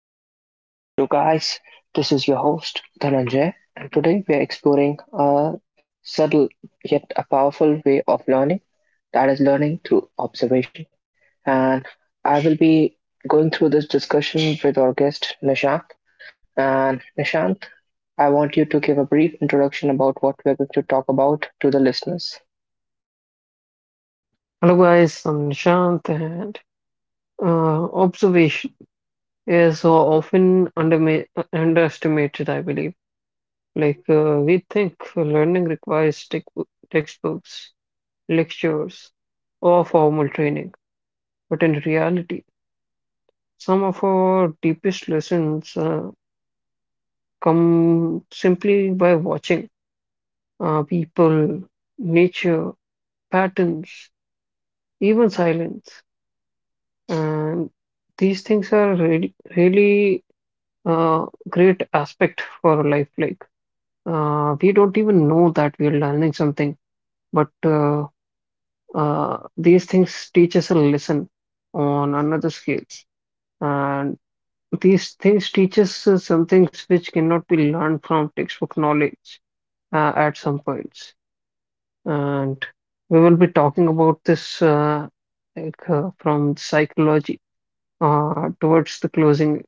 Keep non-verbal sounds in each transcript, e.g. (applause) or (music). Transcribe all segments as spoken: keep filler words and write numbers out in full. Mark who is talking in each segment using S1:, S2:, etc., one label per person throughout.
S1: welcome back to the show, guys. This is your host, Dhananjay, and today we are exploring a subtle yet a powerful way of learning, that is, learning through observation. And I will be going through this discussion with our guest, Nishant. And Nishant, I want you to give a brief introduction about what we're going to talk about to the listeners.
S2: Hello guys, I'm Nishant and uh, observation is often underma- underestimated, I believe. Like uh, we think learning requires tech- textbooks, lectures, or formal training, but in reality, some of our deepest lessons uh, come simply by watching uh, people, nature, patterns, even silence, and these things are really, really uh, great aspect for our life. Like uh, we don't even know that we're learning something, but uh, uh, these things teach us a lesson on another scales, and these things teach us uh, some things which cannot be learned from textbook knowledge uh, at some points. And we will be talking about this uh, like uh, from psychology uh, towards the closing.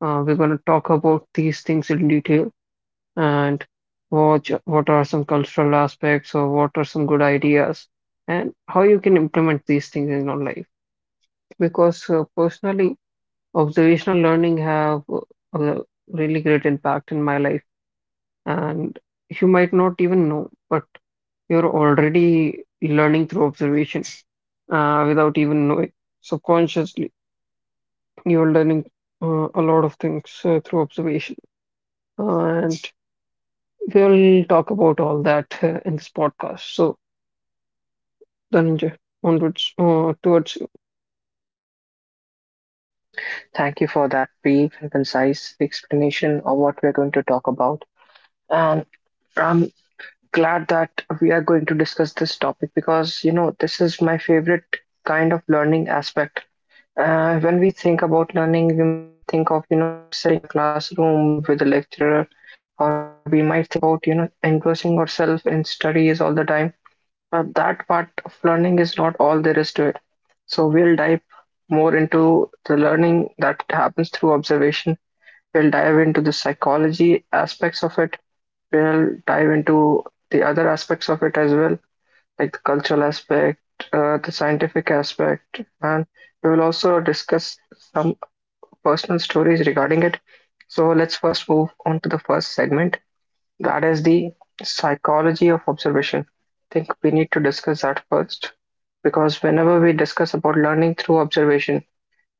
S2: Uh, we're going to talk about these things in detail and watch what are some cultural aspects or what are some good ideas and how you can implement these things in your life because uh, personally observational learning have uh, a really great impact in my life, and you might not even know, but you're already learning through observation uh, without even knowing subconsciously you're learning uh, a lot of things uh, through observation, and we'll talk about all that uh, in this podcast. So then onwards uh, towards you.
S1: Thank you for that brief and concise explanation of what we're going to talk about. And um, glad that we are going to discuss this topic because you know this is my favorite kind of learning aspect. Uh, when we think about learning, we might think of you know sitting in a classroom with a lecturer, or we might think about you know engrossing ourselves in studies all the time. But that part of learning is not all there is to it. So we'll dive more into the learning that happens through observation. We'll dive into the psychology aspects of it, we'll dive into the other aspects of it as well, like the cultural aspect, uh, the scientific aspect, and we will also discuss some personal stories regarding it. So let's first move on to the first segment, that is the psychology of observation. I think we need to discuss that first, because whenever we discuss about learning through observation,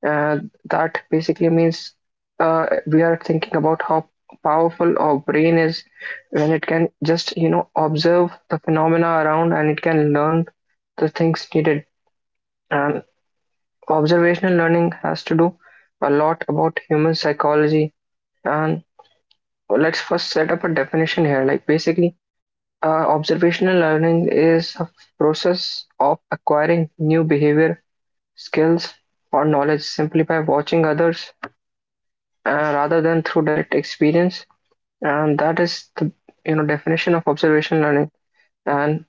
S1: uh, that basically means uh, we are thinking about how powerful our brain is when it can just you know observe the phenomena around, and it can learn the things needed. And observational learning has to do a lot about human psychology. And let's first set up a definition here. Like basically, uh, observational learning is a process of acquiring new behavior, skills, or knowledge simply by watching others, uh, rather than through direct experience, and that is the you know definition of observation learning. And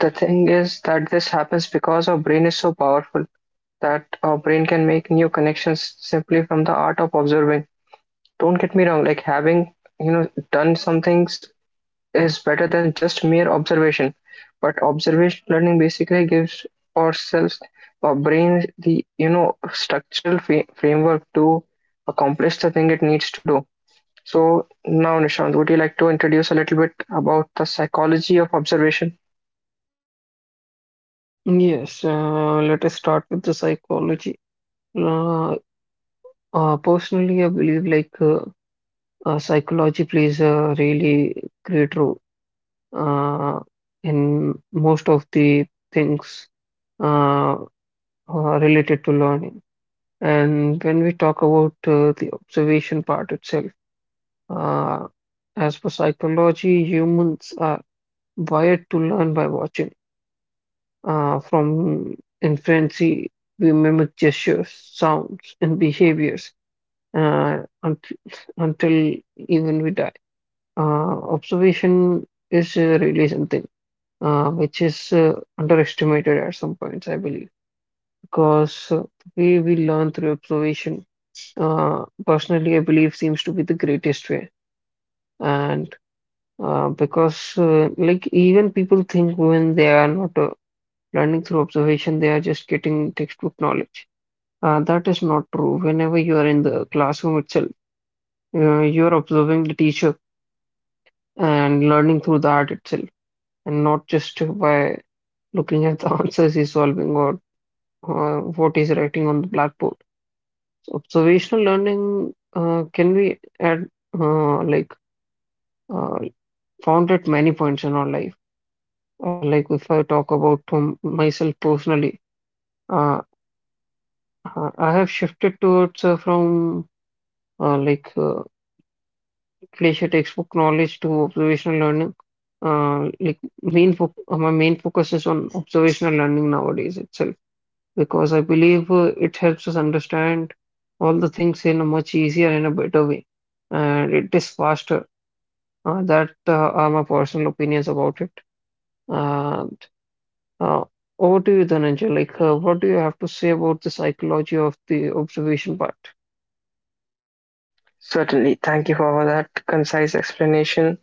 S1: the thing is that this happens because our brain is so powerful that our brain can make new connections simply from the art of observing. Don't get me wrong, like having you know done some things is better than just mere observation, but observation learning basically gives ourselves, our brain, the you know structural fa- framework to accomplish the thing it needs to do. So now, Nishant, would you like to introduce a little bit about the psychology of observation?
S2: Yes, uh, let us start with the psychology. Uh, uh, Personally, I believe like uh, uh, psychology plays a really great role uh, in most of the things uh, uh, related to learning. And when we talk about uh, the observation part itself, uh, as for psychology, humans are wired to learn by watching. Uh, from infancy, we mimic gestures, sounds, and behaviors uh, unt- until even we die. Uh, Observation is uh, really something uh, which is uh, underestimated at some points, I believe, because uh, we, we learn through observation. Uh, personally, I believe seems to be the greatest way. And uh, because, uh, like, even people think when they are not uh, learning through observation, they are just getting textbook knowledge. Uh, that is not true. Whenever you are in the classroom itself, uh, you are observing the teacher and learning through that itself, and not just by looking at the (laughs) answers he's solving or uh, what he's writing on the blackboard. So observational learning uh, can be at uh, like uh, found at many points in our life. Uh, Like if I talk about um, myself personally, uh, I I have shifted towards uh, from uh, like uh, Glacier textbook knowledge to observational learning. Uh, like main fo uh, my main focus is on observational learning nowadays itself because I believe uh, it helps us understand all the things in a much easier and a better way, and it is faster. Uh, that uh, are my personal opinions about it. Uh, uh, Over to you, Dhananjay. Like, uh, what do you have to say about the psychology of the observation part?
S1: Certainly. Thank you for that concise explanation,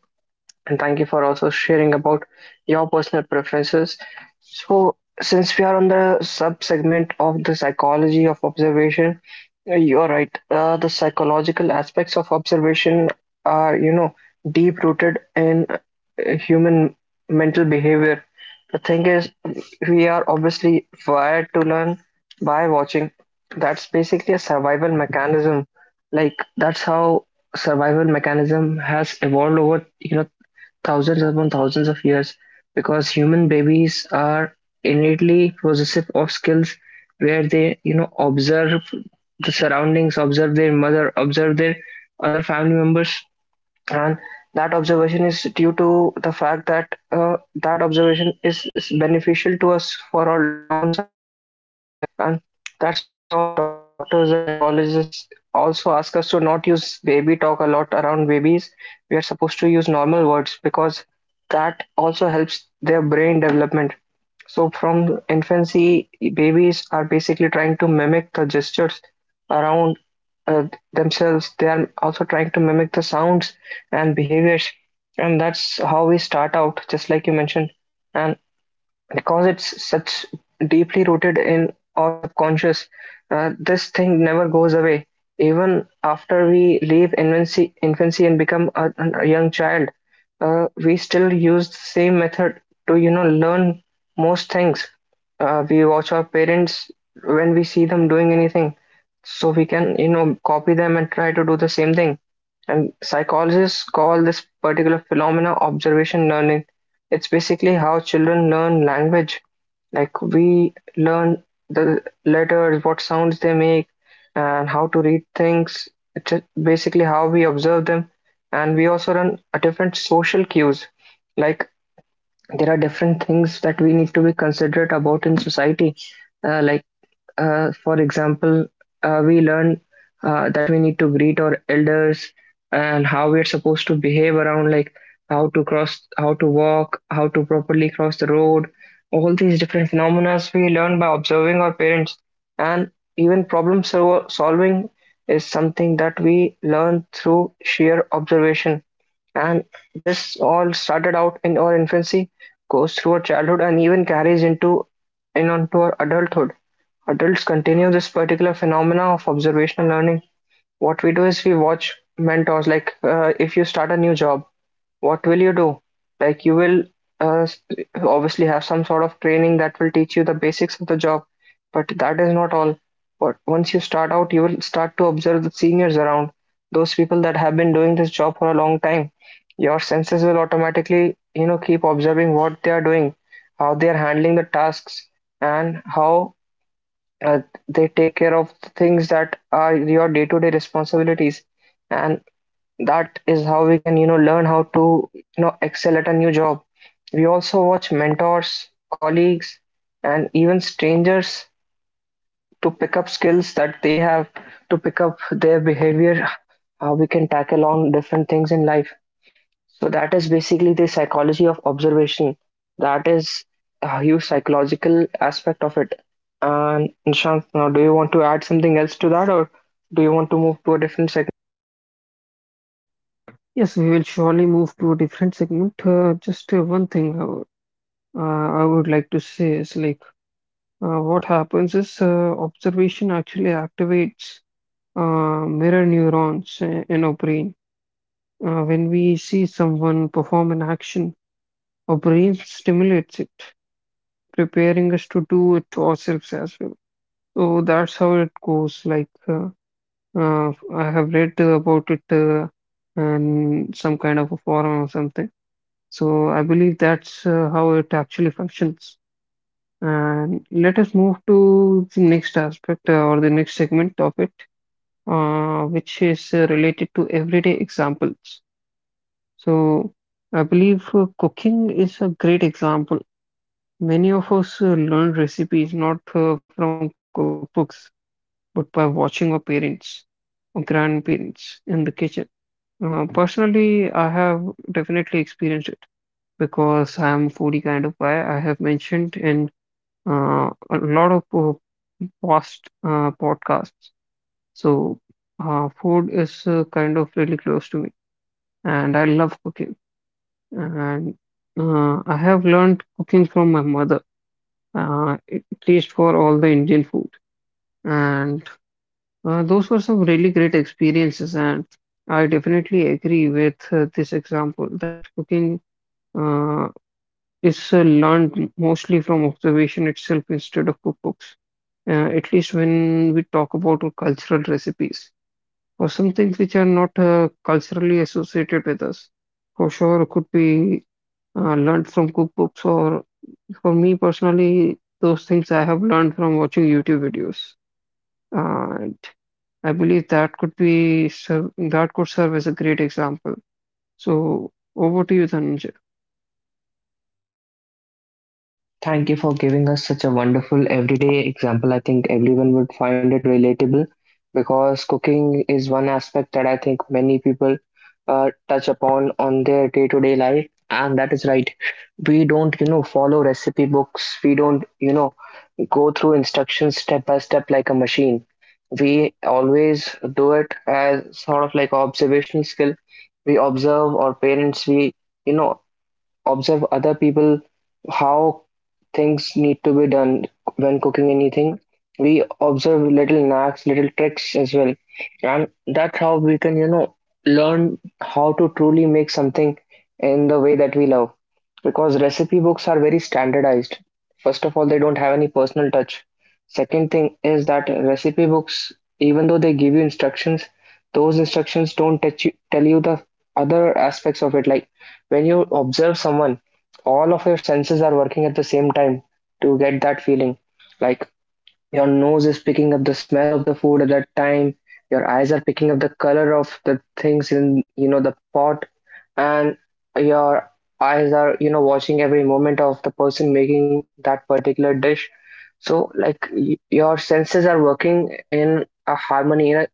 S1: and thank you for also sharing about your personal preferences. So, since we are on the sub segment of the psychology of observation, uh, you're right. Uh, the psychological aspects of observation are, you know, deep rooted in uh, human mental behavior. The thing is, we are obviously wired to learn by watching. That's basically a survival mechanism. Like, that's how survival mechanism has evolved over you know thousands upon thousands of years, because human babies are innately possessive of skills, where they you know observe the surroundings, observe their mother, observe their other family members. And that observation is due to the fact that, uh, that observation is, is beneficial to us for our long-term survival. And that's why also, like, doctors and psychologists also ask us to not use baby talk a lot around babies. We are supposed to use normal words because that also helps their brain development. So from infancy, babies are basically trying to mimic the gestures around uh, themselves. They are also trying to mimic the sounds and behaviors, and that's how we start out, just like you mentioned. And because it's such deeply rooted in our subconscious, uh, this thing never goes away. Even after we leave infancy infancy and become a, a young child, uh, we still use the same method to you know learn most things. Uh, we watch our parents. When we see them doing anything, so we can you know copy them and try to do the same thing. And psychologists call this particular phenomena observation learning. It's basically how children learn language. Like, we learn the letters, what sounds they make, and how to read things. It's just basically how we observe them. And we also learn a different social cues. Like, there are different things that we need to be considerate about in society. Uh, like uh, for example, uh, we learn uh, that we need to greet our elders and how we're supposed to behave around, like how to cross, how to walk, how to properly cross the road. All these different phenomena we learn by observing our parents, and even problem sol- solving is something that we learn through sheer observation. And this all started out in our infancy, goes through our childhood, and even carries into in onto our adulthood. Adults continue this particular phenomena of observational learning. What we do is we watch mentors. Like, uh, if you start a new job, what will you do? Like, you will uh, obviously have some sort of training that will teach you the basics of the job, but that is not all. But once you start out, you will start to observe the seniors around, those people that have been doing this job for a long time. Your senses will automatically, you know, keep observing what they are doing, how they are handling the tasks, and how uh, they take care of the things that are your day-to-day responsibilities. And that is how we can you know learn how to you know excel at a new job. We also watch mentors, colleagues, and even strangers, to pick up skills that they have, to pick up their behavior, how we can tackle on different things in life. So that is basically the psychology of observation. That is a huge psychological aspect of it. And Nishant, now do you want to add something else to that, or do you want to move to a different sec?
S2: Yes, we will surely move to a different segment. Uh, just uh, one thing, uh, uh, I would like to say is like uh, what happens is uh, observation actually activates uh, mirror neurons i- in our brain. Uh, when we see someone perform an action, our brain stimulates it, preparing us to do it ourselves as well. So that's how it goes. Like uh, uh, I have read uh, about it uh, in some kind of a forum or something. So I believe that's uh, how it actually functions. And let us move to the next aspect uh, or the next segment of it, uh, which is uh, related to everyday examples. So, I believe uh, cooking is a great example. Many of us uh, learn recipes not uh, from cookbooks, but by watching our parents or grandparents in the kitchen. Uh, personally, I have definitely experienced it because I am a foodie kind of guy. I have mentioned in uh, a lot of uh, past uh, podcasts. So, uh, food is uh, kind of really close to me, and I love cooking. And uh, I have learned cooking from my mother, uh, at least for all the Indian food. And uh, those were some really great experiences. And I definitely agree with uh, this example that cooking uh, is uh, learned mostly from observation itself instead of cookbooks uh, at least when we talk about our cultural recipes, or some things which are not uh, culturally associated with us. For sure, could be uh, learned from cookbooks, or for me personally, those things I have learned from watching YouTube videos. And I believe that could be serve, that could serve as a great example. So over to you, Dhananjay.
S1: Thank you for giving us such a wonderful everyday example. I think everyone would find it relatable because cooking is one aspect that I think many people uh, touch upon on their day-to-day life, and that is right. We don't, you know, follow recipe books. We don't, you know, go through instructions step by step like a machine. We always do it as sort of like observational skill. We observe our parents, we, you know, observe other people, how things need to be done when cooking anything. We observe little knacks, little tricks as well. And that's how we can, you know, learn how to truly make something in the way that we love, because recipe books are very standardized. First of all, they don't have any personal touch. Second thing is that recipe books, even though they give you instructions, those instructions don't touch you, tell you the other aspects of it. Like, when you observe someone, all of your senses are working at the same time to get that feeling. Like, your nose is picking up the smell of the food at that time. Your eyes are picking up the color of the things in, you know, the pot, and your eyes are, you know, watching every moment of the person making that particular dish. So, like, y- your senses are working in a harmony, in a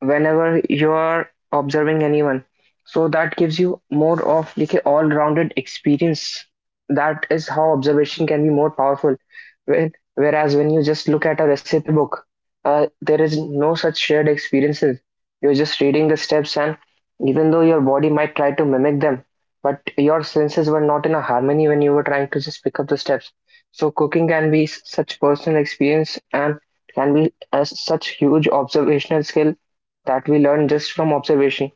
S1: whenever you are observing anyone. So that gives you more of like a all-rounded experience. That is how observation can be more powerful. When, whereas when you just look at a recipe book, uh, there is no such shared experiences. You're just reading the steps, and even though your body might try to mimic them, but your senses were not in a harmony when you were trying to just pick up the steps. So cooking can be s- such personal experience, and can be as such huge observational skill that we learn just from observation.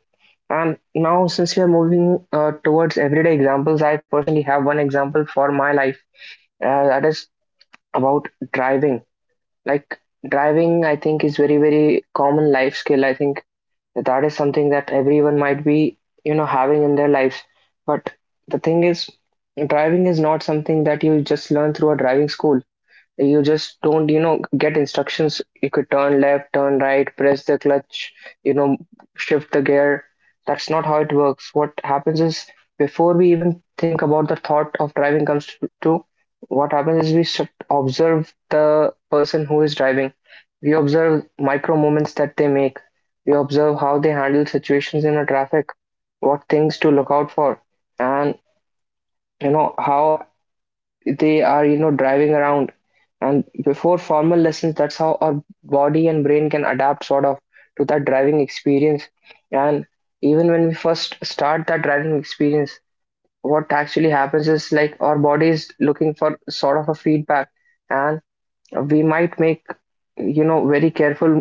S1: And now, since we are moving uh, towards everyday examples, I personally have one example for my life, uh, that is about driving. Like, driving, I think, is very, very common life skill. I think that is something that everyone might be, you know, having in their lives. But the thing is, driving is not something that you just learn through a driving school. You just don't you know get instructions. You could turn left, turn right, press the clutch, you know shift the gear. That's not how it works. What happens is, before we even think about the thought of driving comes to, to what happens is, we should observe the person who is driving. We observe micro moments that they make. We observe how they handle situations in a traffic, what things to look out for, and you know how they are, you know driving around. And before formal lessons, that's how our body and brain can adapt, sort of, to that driving experience. And even when we first start that driving experience, what actually happens is, like, our body is looking for sort of a feedback, and we might make, you know very careful,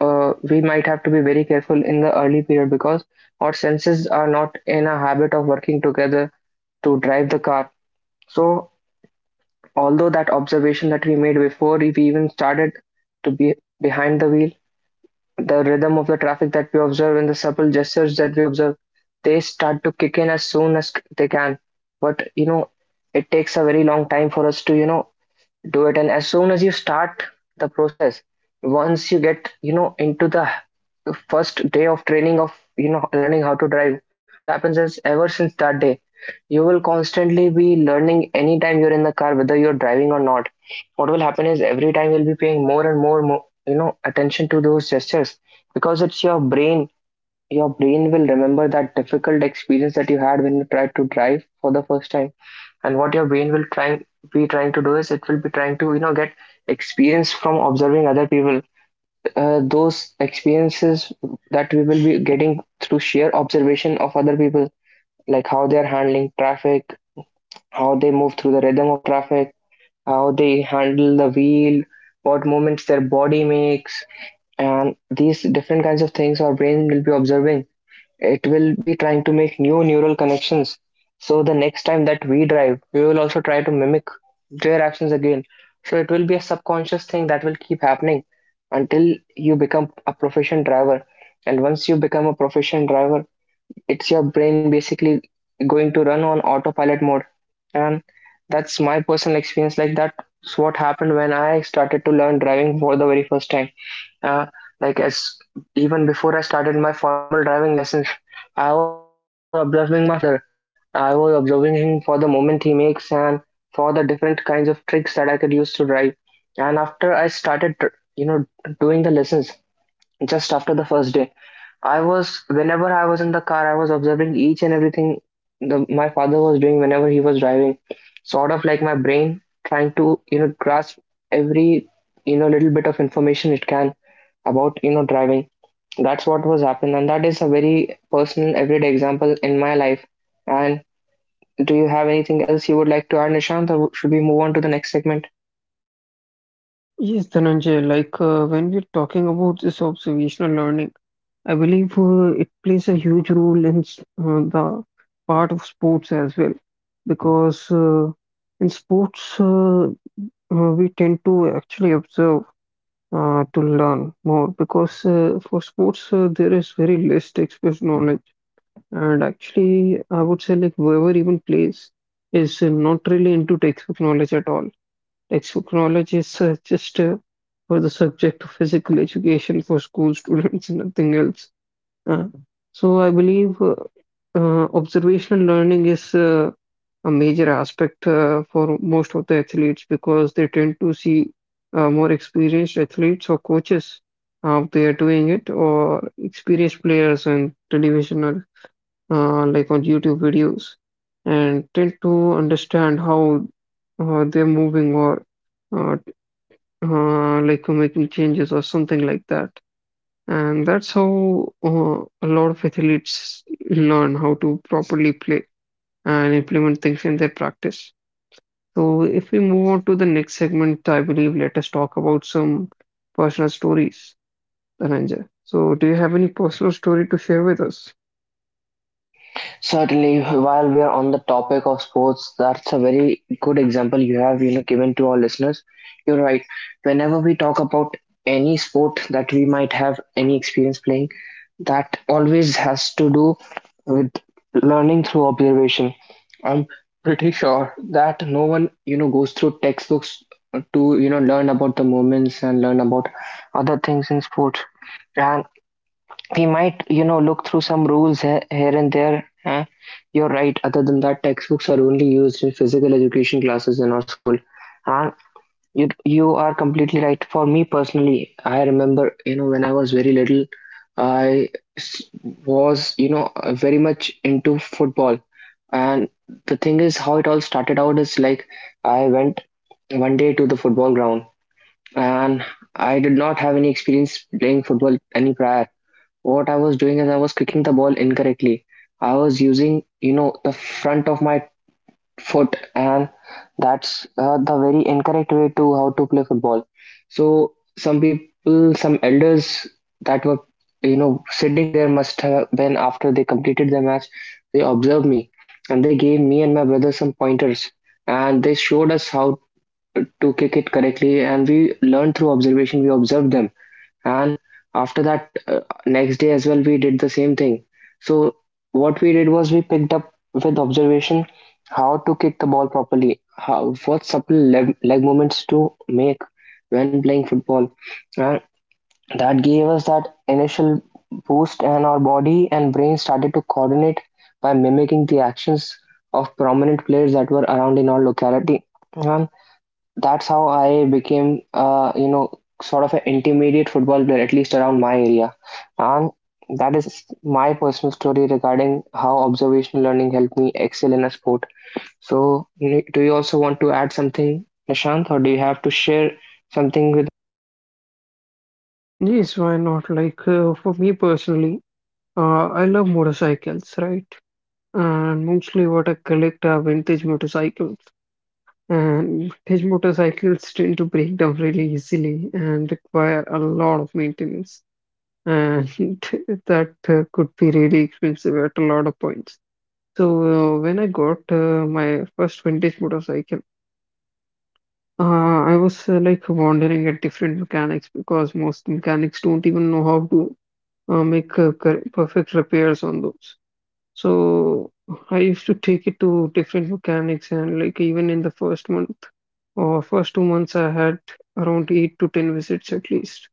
S1: uh, we might have to be very careful in the early period, because our senses are not in a habit of working together to drive the car. So, although that observation that we made before we even started to be behind the wheel, the rhythm of the traffic that we observe and the subtle gestures that we observe, they start to kick in as soon as they can. But, you know, it takes a very long time for us to, you know do it. And as soon as you start the process, once you get, you know into the first day of training of, you know learning how to drive, what happens is, ever since that day, you will constantly be learning anytime you're in the car, whether you're driving or not. What will happen is, every time you'll be paying more and more, more you know attention to those gestures, because it's your brain. Your brain will remember that difficult experience that you had when you tried to drive for the first time. And what your brain will trying be trying to do is, it will be trying to, you know get experience from observing other people. Uh, those experiences that we will be getting through sheer observation of other people, like how they are handling traffic, how they move through the rhythm of traffic, how they handle the wheel, what movements their body makes, and these different kinds of things, our brain will be observing. It will be trying to make new neural connections. So the next time that we drive, we will also try to mimic their actions again. So it will be a subconscious thing that will keep happening until you become a proficient driver. And once you become a proficient driver, it's your brain basically going to run on autopilot mode. And that's my personal experience. Like, that's what happened when I started to learn driving for the very first time. Uh, like as, even before I started my formal driving lessons, I was observing my father. I was observing him for the moment he makes, and for the different kinds of tricks that I could use to drive. And after I started, you know doing the lessons, just after the first day, I was, whenever I was in the car, I was observing each and everything the, my father was doing whenever he was driving, sort of like my brain trying to, you know grasp every, you know little bit of information it can about, you know driving. That's what was happening, and that is a very personal everyday example in my life. And do you have anything else you would like to add, Nishant, or should we move on to the next segment?
S2: Yes, Dhananjay. Like uh, when we're talking about this observational learning, I believe uh, it plays a huge role in s- uh, the part of sports as well, because uh, in sports uh, uh, we tend to actually observe uh, to learn more. Because uh, for sports uh, there is very less textbook knowledge, and actually I would say like whoever even plays is uh, not really into textbook knowledge at all. Textbook knowledge is uh, just uh, for the subject of physical education for school students, (laughs) nothing else, uh, so I believe uh, uh, observational learning is uh, a major aspect uh, for most of the athletes because they tend to see uh, more experienced athletes or coaches how they are doing it or experienced players on television or uh, like on YouTube videos and tend to understand how uh, they're moving or uh, t- uh, like making changes or something like that. And that's how uh, a lot of athletes learn how to properly play and implement things in their practice. So, if we move on to the next segment, I believe let us talk about some personal stories, Dhananjay. So, do you have any personal story to share with us?
S1: Certainly, while we are on the topic of sports, that's a very good example you have, you know, given to our listeners. You're right. Whenever we talk about any sport that we might have any experience playing, that always has to do with learning through observation. I'm pretty sure that no one, you know, goes through textbooks to, you know, learn about the moments and learn about other things in sports. And we might, you know look through some rules, he- here and there, eh? You're right, other than that, textbooks are only used in physical education classes in our school. And you you are completely right. For me personally, I remember, you know, when I was very little, I s- was, you know uh, very much into football. And the thing is, how it all started out is, like, I went one day to the football ground, and I did not have any experience playing football, any prior. What I was doing is, I was kicking the ball incorrectly. I was using, you know, the front of my foot, and that's uh, the very incorrect way to how to play football. So some people, some elders that were, you know, sitting there must have been after they completed their match. They observed me, and they gave me and my brother some pointers, and they showed us how to kick it correctly, and we learned through observation. We observed them, and after that, uh, next day as well, we did the same thing. So what we did was, we picked up with observation how to kick the ball properly, how, what supple leg, leg movements to make when playing football. And that gave us that initial boost, and our body and brain started to coordinate by mimicking the actions of prominent players that were around in our locality. That's how I became, uh, you know, sort of an intermediate football player, at least around my area. And that is my personal story regarding how observational learning helped me excel in a sport. So, you- know, do you also want to add something, Nishant, or do you have to share something with?
S2: Yes, why not? Like uh, for me personally, uh, I love motorcycles, right? And mostly what I collect are vintage motorcycles. And vintage motorcycles tend to break down really easily and require a lot of maintenance, and (laughs) that uh, could be really expensive at a lot of points. So, uh, when I got uh, my first vintage motorcycle, uh, I was uh, like wandering at different mechanics because most mechanics don't even know how to uh, make uh, cor- perfect repairs on those. So I used to take it to different mechanics, and like even in the first month or first two months, I had around eight to ten visits at least.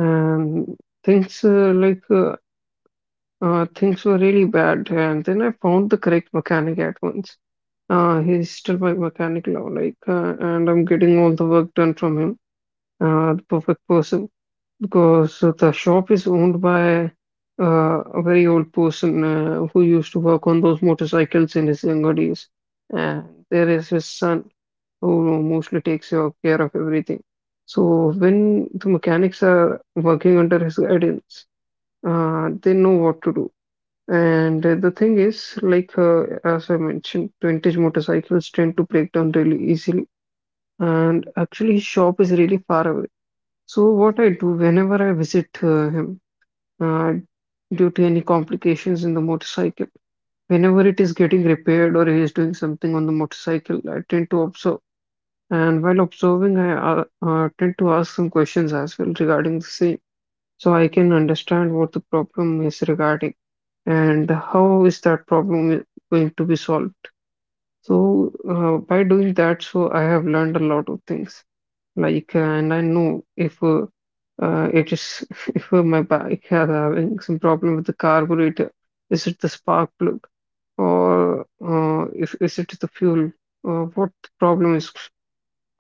S2: And things uh, like uh, uh, things were really bad. And then I found the correct mechanic at once. Uh, he's still my mechanic now, like, uh, and I'm getting all the work done from him. Uh, the perfect person because uh, the shop is owned by uh, a very old person uh, who used to work on those motorcycles in his younger days. And there is his son who mostly takes your care of everything. So when the mechanics are working under his guidance, uh, they know what to do. And uh, the thing is, like uh, as I mentioned, vintage motorcycles tend to break down really easily. And actually, his shop is really far away. So what I do whenever I visit uh, him, uh, due to any complications in the motorcycle. Whenever it is getting repaired or he is doing something on the motorcycle, I tend to observe. And while observing, I uh, uh, tend to ask some questions as well regarding the same, so I can understand what the problem is regarding and how is that problem i- going to be solved. So uh, by doing that, so I have learned a lot of things. Like, uh, and I know if uh, uh, it is (laughs) if uh, my bike has having some problem with the carburetor, is it the spark plug, or uh, if is it the fuel, or what the problem is?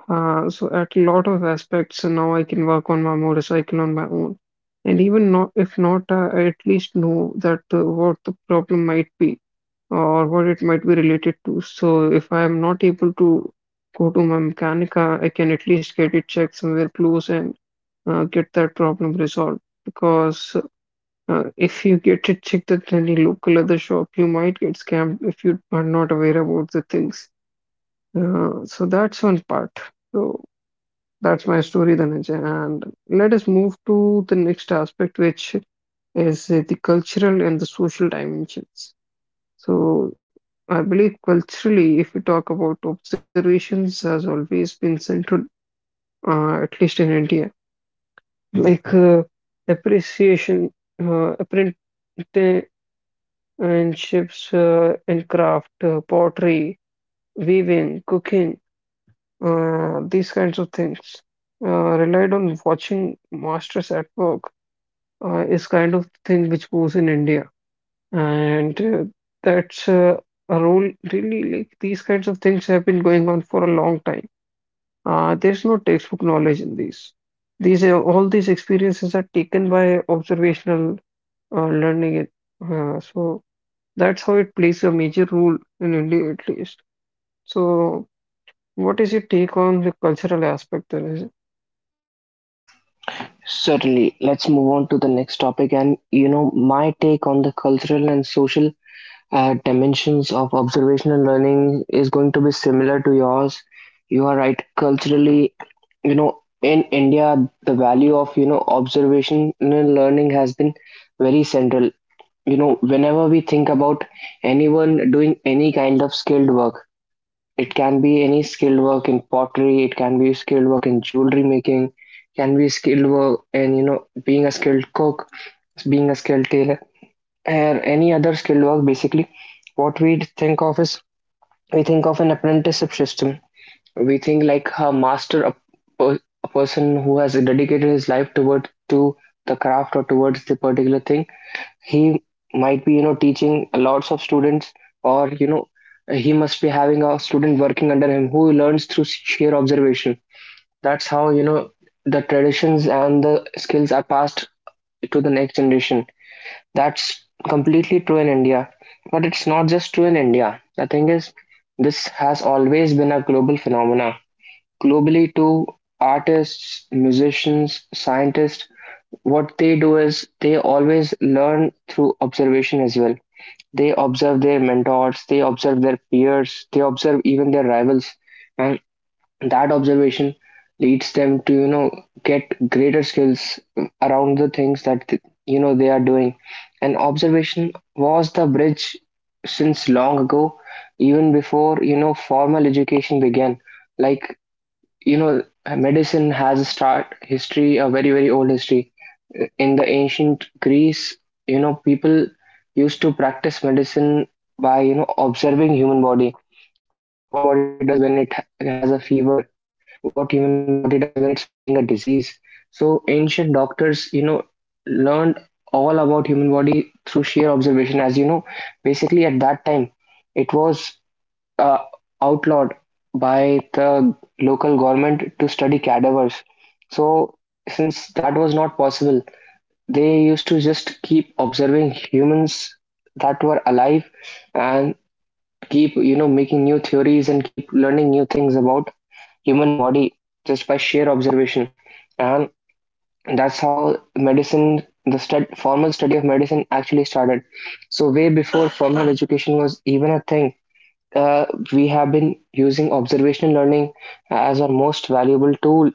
S2: Uh, so at a lot of aspects, uh, now I can work on my motorcycle on my own, and even not if not, uh, I at least know that uh, what the problem might be or what it might be related to. So if I am not able to go to my mechanica, I can at least get it checked somewhere close and uh, get that problem resolved. Because uh, if you get it checked at any local other shop, you might get scammed if you are not aware about the things. Uh, so that's one part. So that's my story, Dhananjay. And let us move to the next aspect, which is uh, the cultural and the social dimensions. So I believe culturally, if we talk about observations, has always been central, uh, at least in India. Like uh, appreciation, uh, apprenticeships uh, in craft, uh, pottery, weaving, cooking, uh, these kinds of things. Uh, relied on watching masters at work uh, is kind of thing which goes in India. And uh, that's uh, a role, really, like these kinds of things have been going on for a long time. Uh, there's no textbook knowledge in these. These are all these experiences are taken by observational uh, learning. It uh, So that's how it plays a major role in India, at least. So, what is your take on the cultural aspect? Then, is it?
S1: Certainly. Let's move on to the next topic. And, you know, my take on the cultural and social uh, dimensions of observational learning is going to be similar to yours. You are right. Culturally, you know, in India, the value of, you know, observational learning has been very central. You know, whenever we think about anyone doing any kind of skilled work, it can be any skilled work in pottery, it can be skilled work in jewelry making, can be skilled work in, you know, being a skilled cook, being a skilled tailor, and any other skilled work. Basically, what we think of is, we think of an apprenticeship system. We think like a master a, per, a person who has dedicated his life toward to the craft or towards the particular thing. He might be, you know, teaching lots of students, or, you know, he must be having a student working under him who learns through sheer observation. That's how, you know, the traditions and the skills are passed to the next generation. That's completely true in India. But it's not just true in India. The thing is, this has always been a global phenomena. Globally, too, artists, musicians, scientists, what they do is, they always learn through observation as well. They observe their mentors, they observe their peers, they observe even their rivals. And that observation leads them to, you know get greater skills around the things that th- you know they are doing. And observation was the bridge since long ago, even before, you know, formal education began. Like, you know, medicine has a start history, a very, very old history. In the ancient Greece, you know, people used to practice medicine by, you know, observing human body, what human body does when it ha- has a fever, what human body does when it's fighting a disease. So ancient doctors, you know, learned all about human body through sheer observation. As you know, basically at that time, it was uh, outlawed by the local government to study cadavers. So since that was not possible, they used to just keep observing humans that were alive, and keep, you know, making new theories, and keep learning new things about human body just by sheer observation. And that's how medicine, the stud, formal study of medicine actually started. So way before formal education was even a thing, uh, we have been using observational learning as our most valuable tool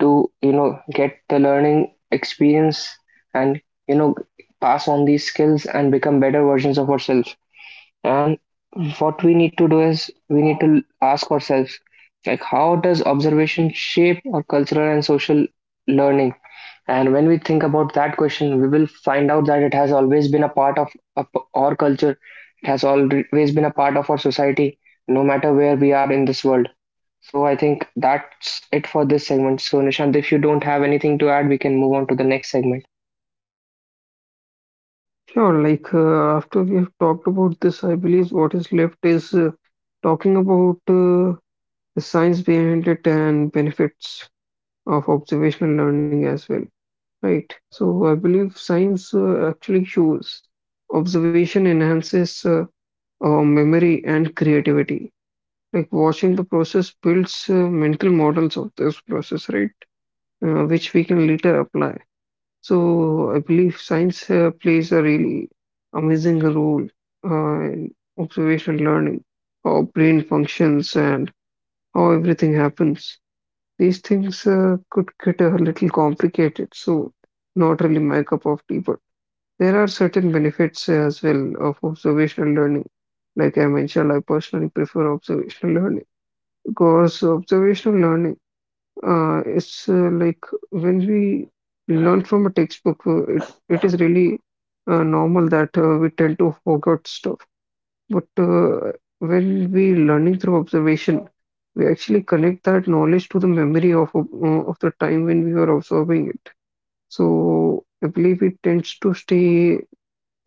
S1: to, you know, get the learning experience, and, you know, pass on these skills and become better versions of ourselves. And what we need to do is, we need to ask ourselves, like, how does observation shape our cultural and social learning? And when we think about that question, we will find out that it has always been a part of of our culture, it has always been a part of our society, no matter where we are in this world. So I think that's it for this segment. So Nishant, if you don't have anything to add, we can move on to the next segment.
S2: Sure. Like uh, after we have talked about this, I believe what is left is uh, talking about. Uh, the science behind it and benefits of observational learning as well, right? So I believe science uh, actually shows observation enhances uh, uh, memory and creativity. Like watching the process builds uh, mental models of this process, right? Uh, which we can later apply. So I believe science uh, plays a really amazing role uh, in observational learning, how brain functions and how everything happens these things uh, could get a little complicated. So, not really my cup of tea, but there are certain benefits uh, as well of observational learning. Like I mentioned, I personally prefer observational learning because observational learning uh, is uh, like when we learn from a textbook, uh, it, it is really uh, normal that uh, we tend to forget stuff. But uh, when we learning through observation, we actually connect that knowledge to the memory of uh, of the time when we were observing it. So I believe it tends to stay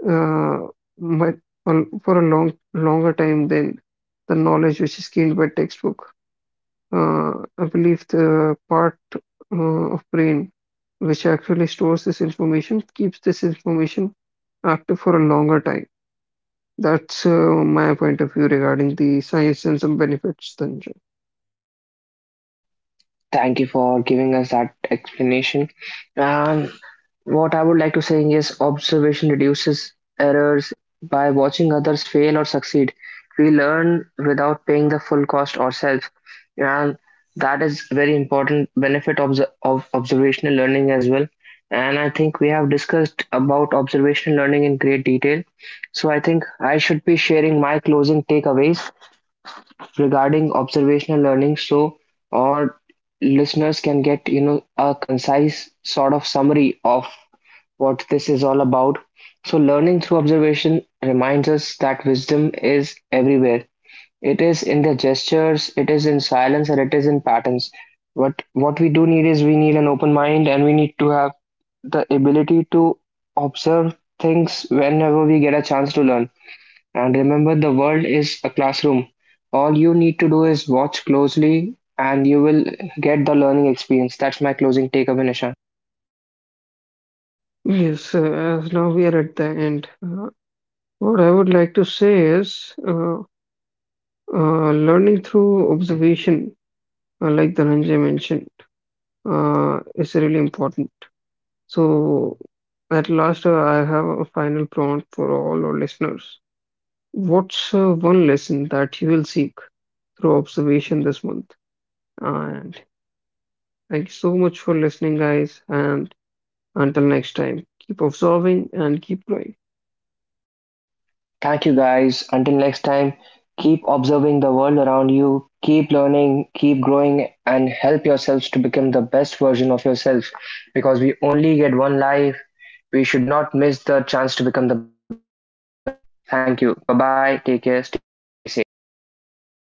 S2: uh, mu- on- for a long longer time than the knowledge which is gained by textbook. Uh, I believe the part uh, of brain which actually stores this information keeps this information active for a longer time. That's uh, my point of view regarding the science and some benefits, Tanju.
S1: Thank you for giving us that explanation. Um, What I would like to say is, observation reduces errors. By watching others fail or succeed, we learn without paying the full cost ourselves, and that is very important benefit of, the- of observational learning as well. And I think we have discussed about observational learning in great detail. So I think I should be sharing my closing takeaways regarding observational learning, so our listeners can get, you know, a concise sort of summary of what this is all about. So, learning through observation reminds us that wisdom is everywhere. It is in the gestures, it is in silence, and it is in patterns. But what we do need is, we need an open mind, and we need to have the ability to observe things whenever we get a chance to learn. And remember, the world is a classroom. All you need to do is watch closely, and you will get the learning experience. That's my closing takeaway, Nishan.
S2: Yes, uh, as now we are at the end. Uh, what I would like to say is uh, uh, learning through observation, uh, like Dhananjay mentioned, uh, is really important. So, at last, uh, I have a final prompt for all our listeners. What's uh, one lesson that you will seek through observation this month? And thank you so much for listening, guys, and until next time, keep observing and keep growing.
S1: Thank you, guys. Until next time, keep observing the world around you, keep learning, keep growing, and help yourselves to become the best version of yourself, because we only get one life. We should not miss the chance to become the best version of ourselves. Thank you. Bye bye. Take care. Stay safe.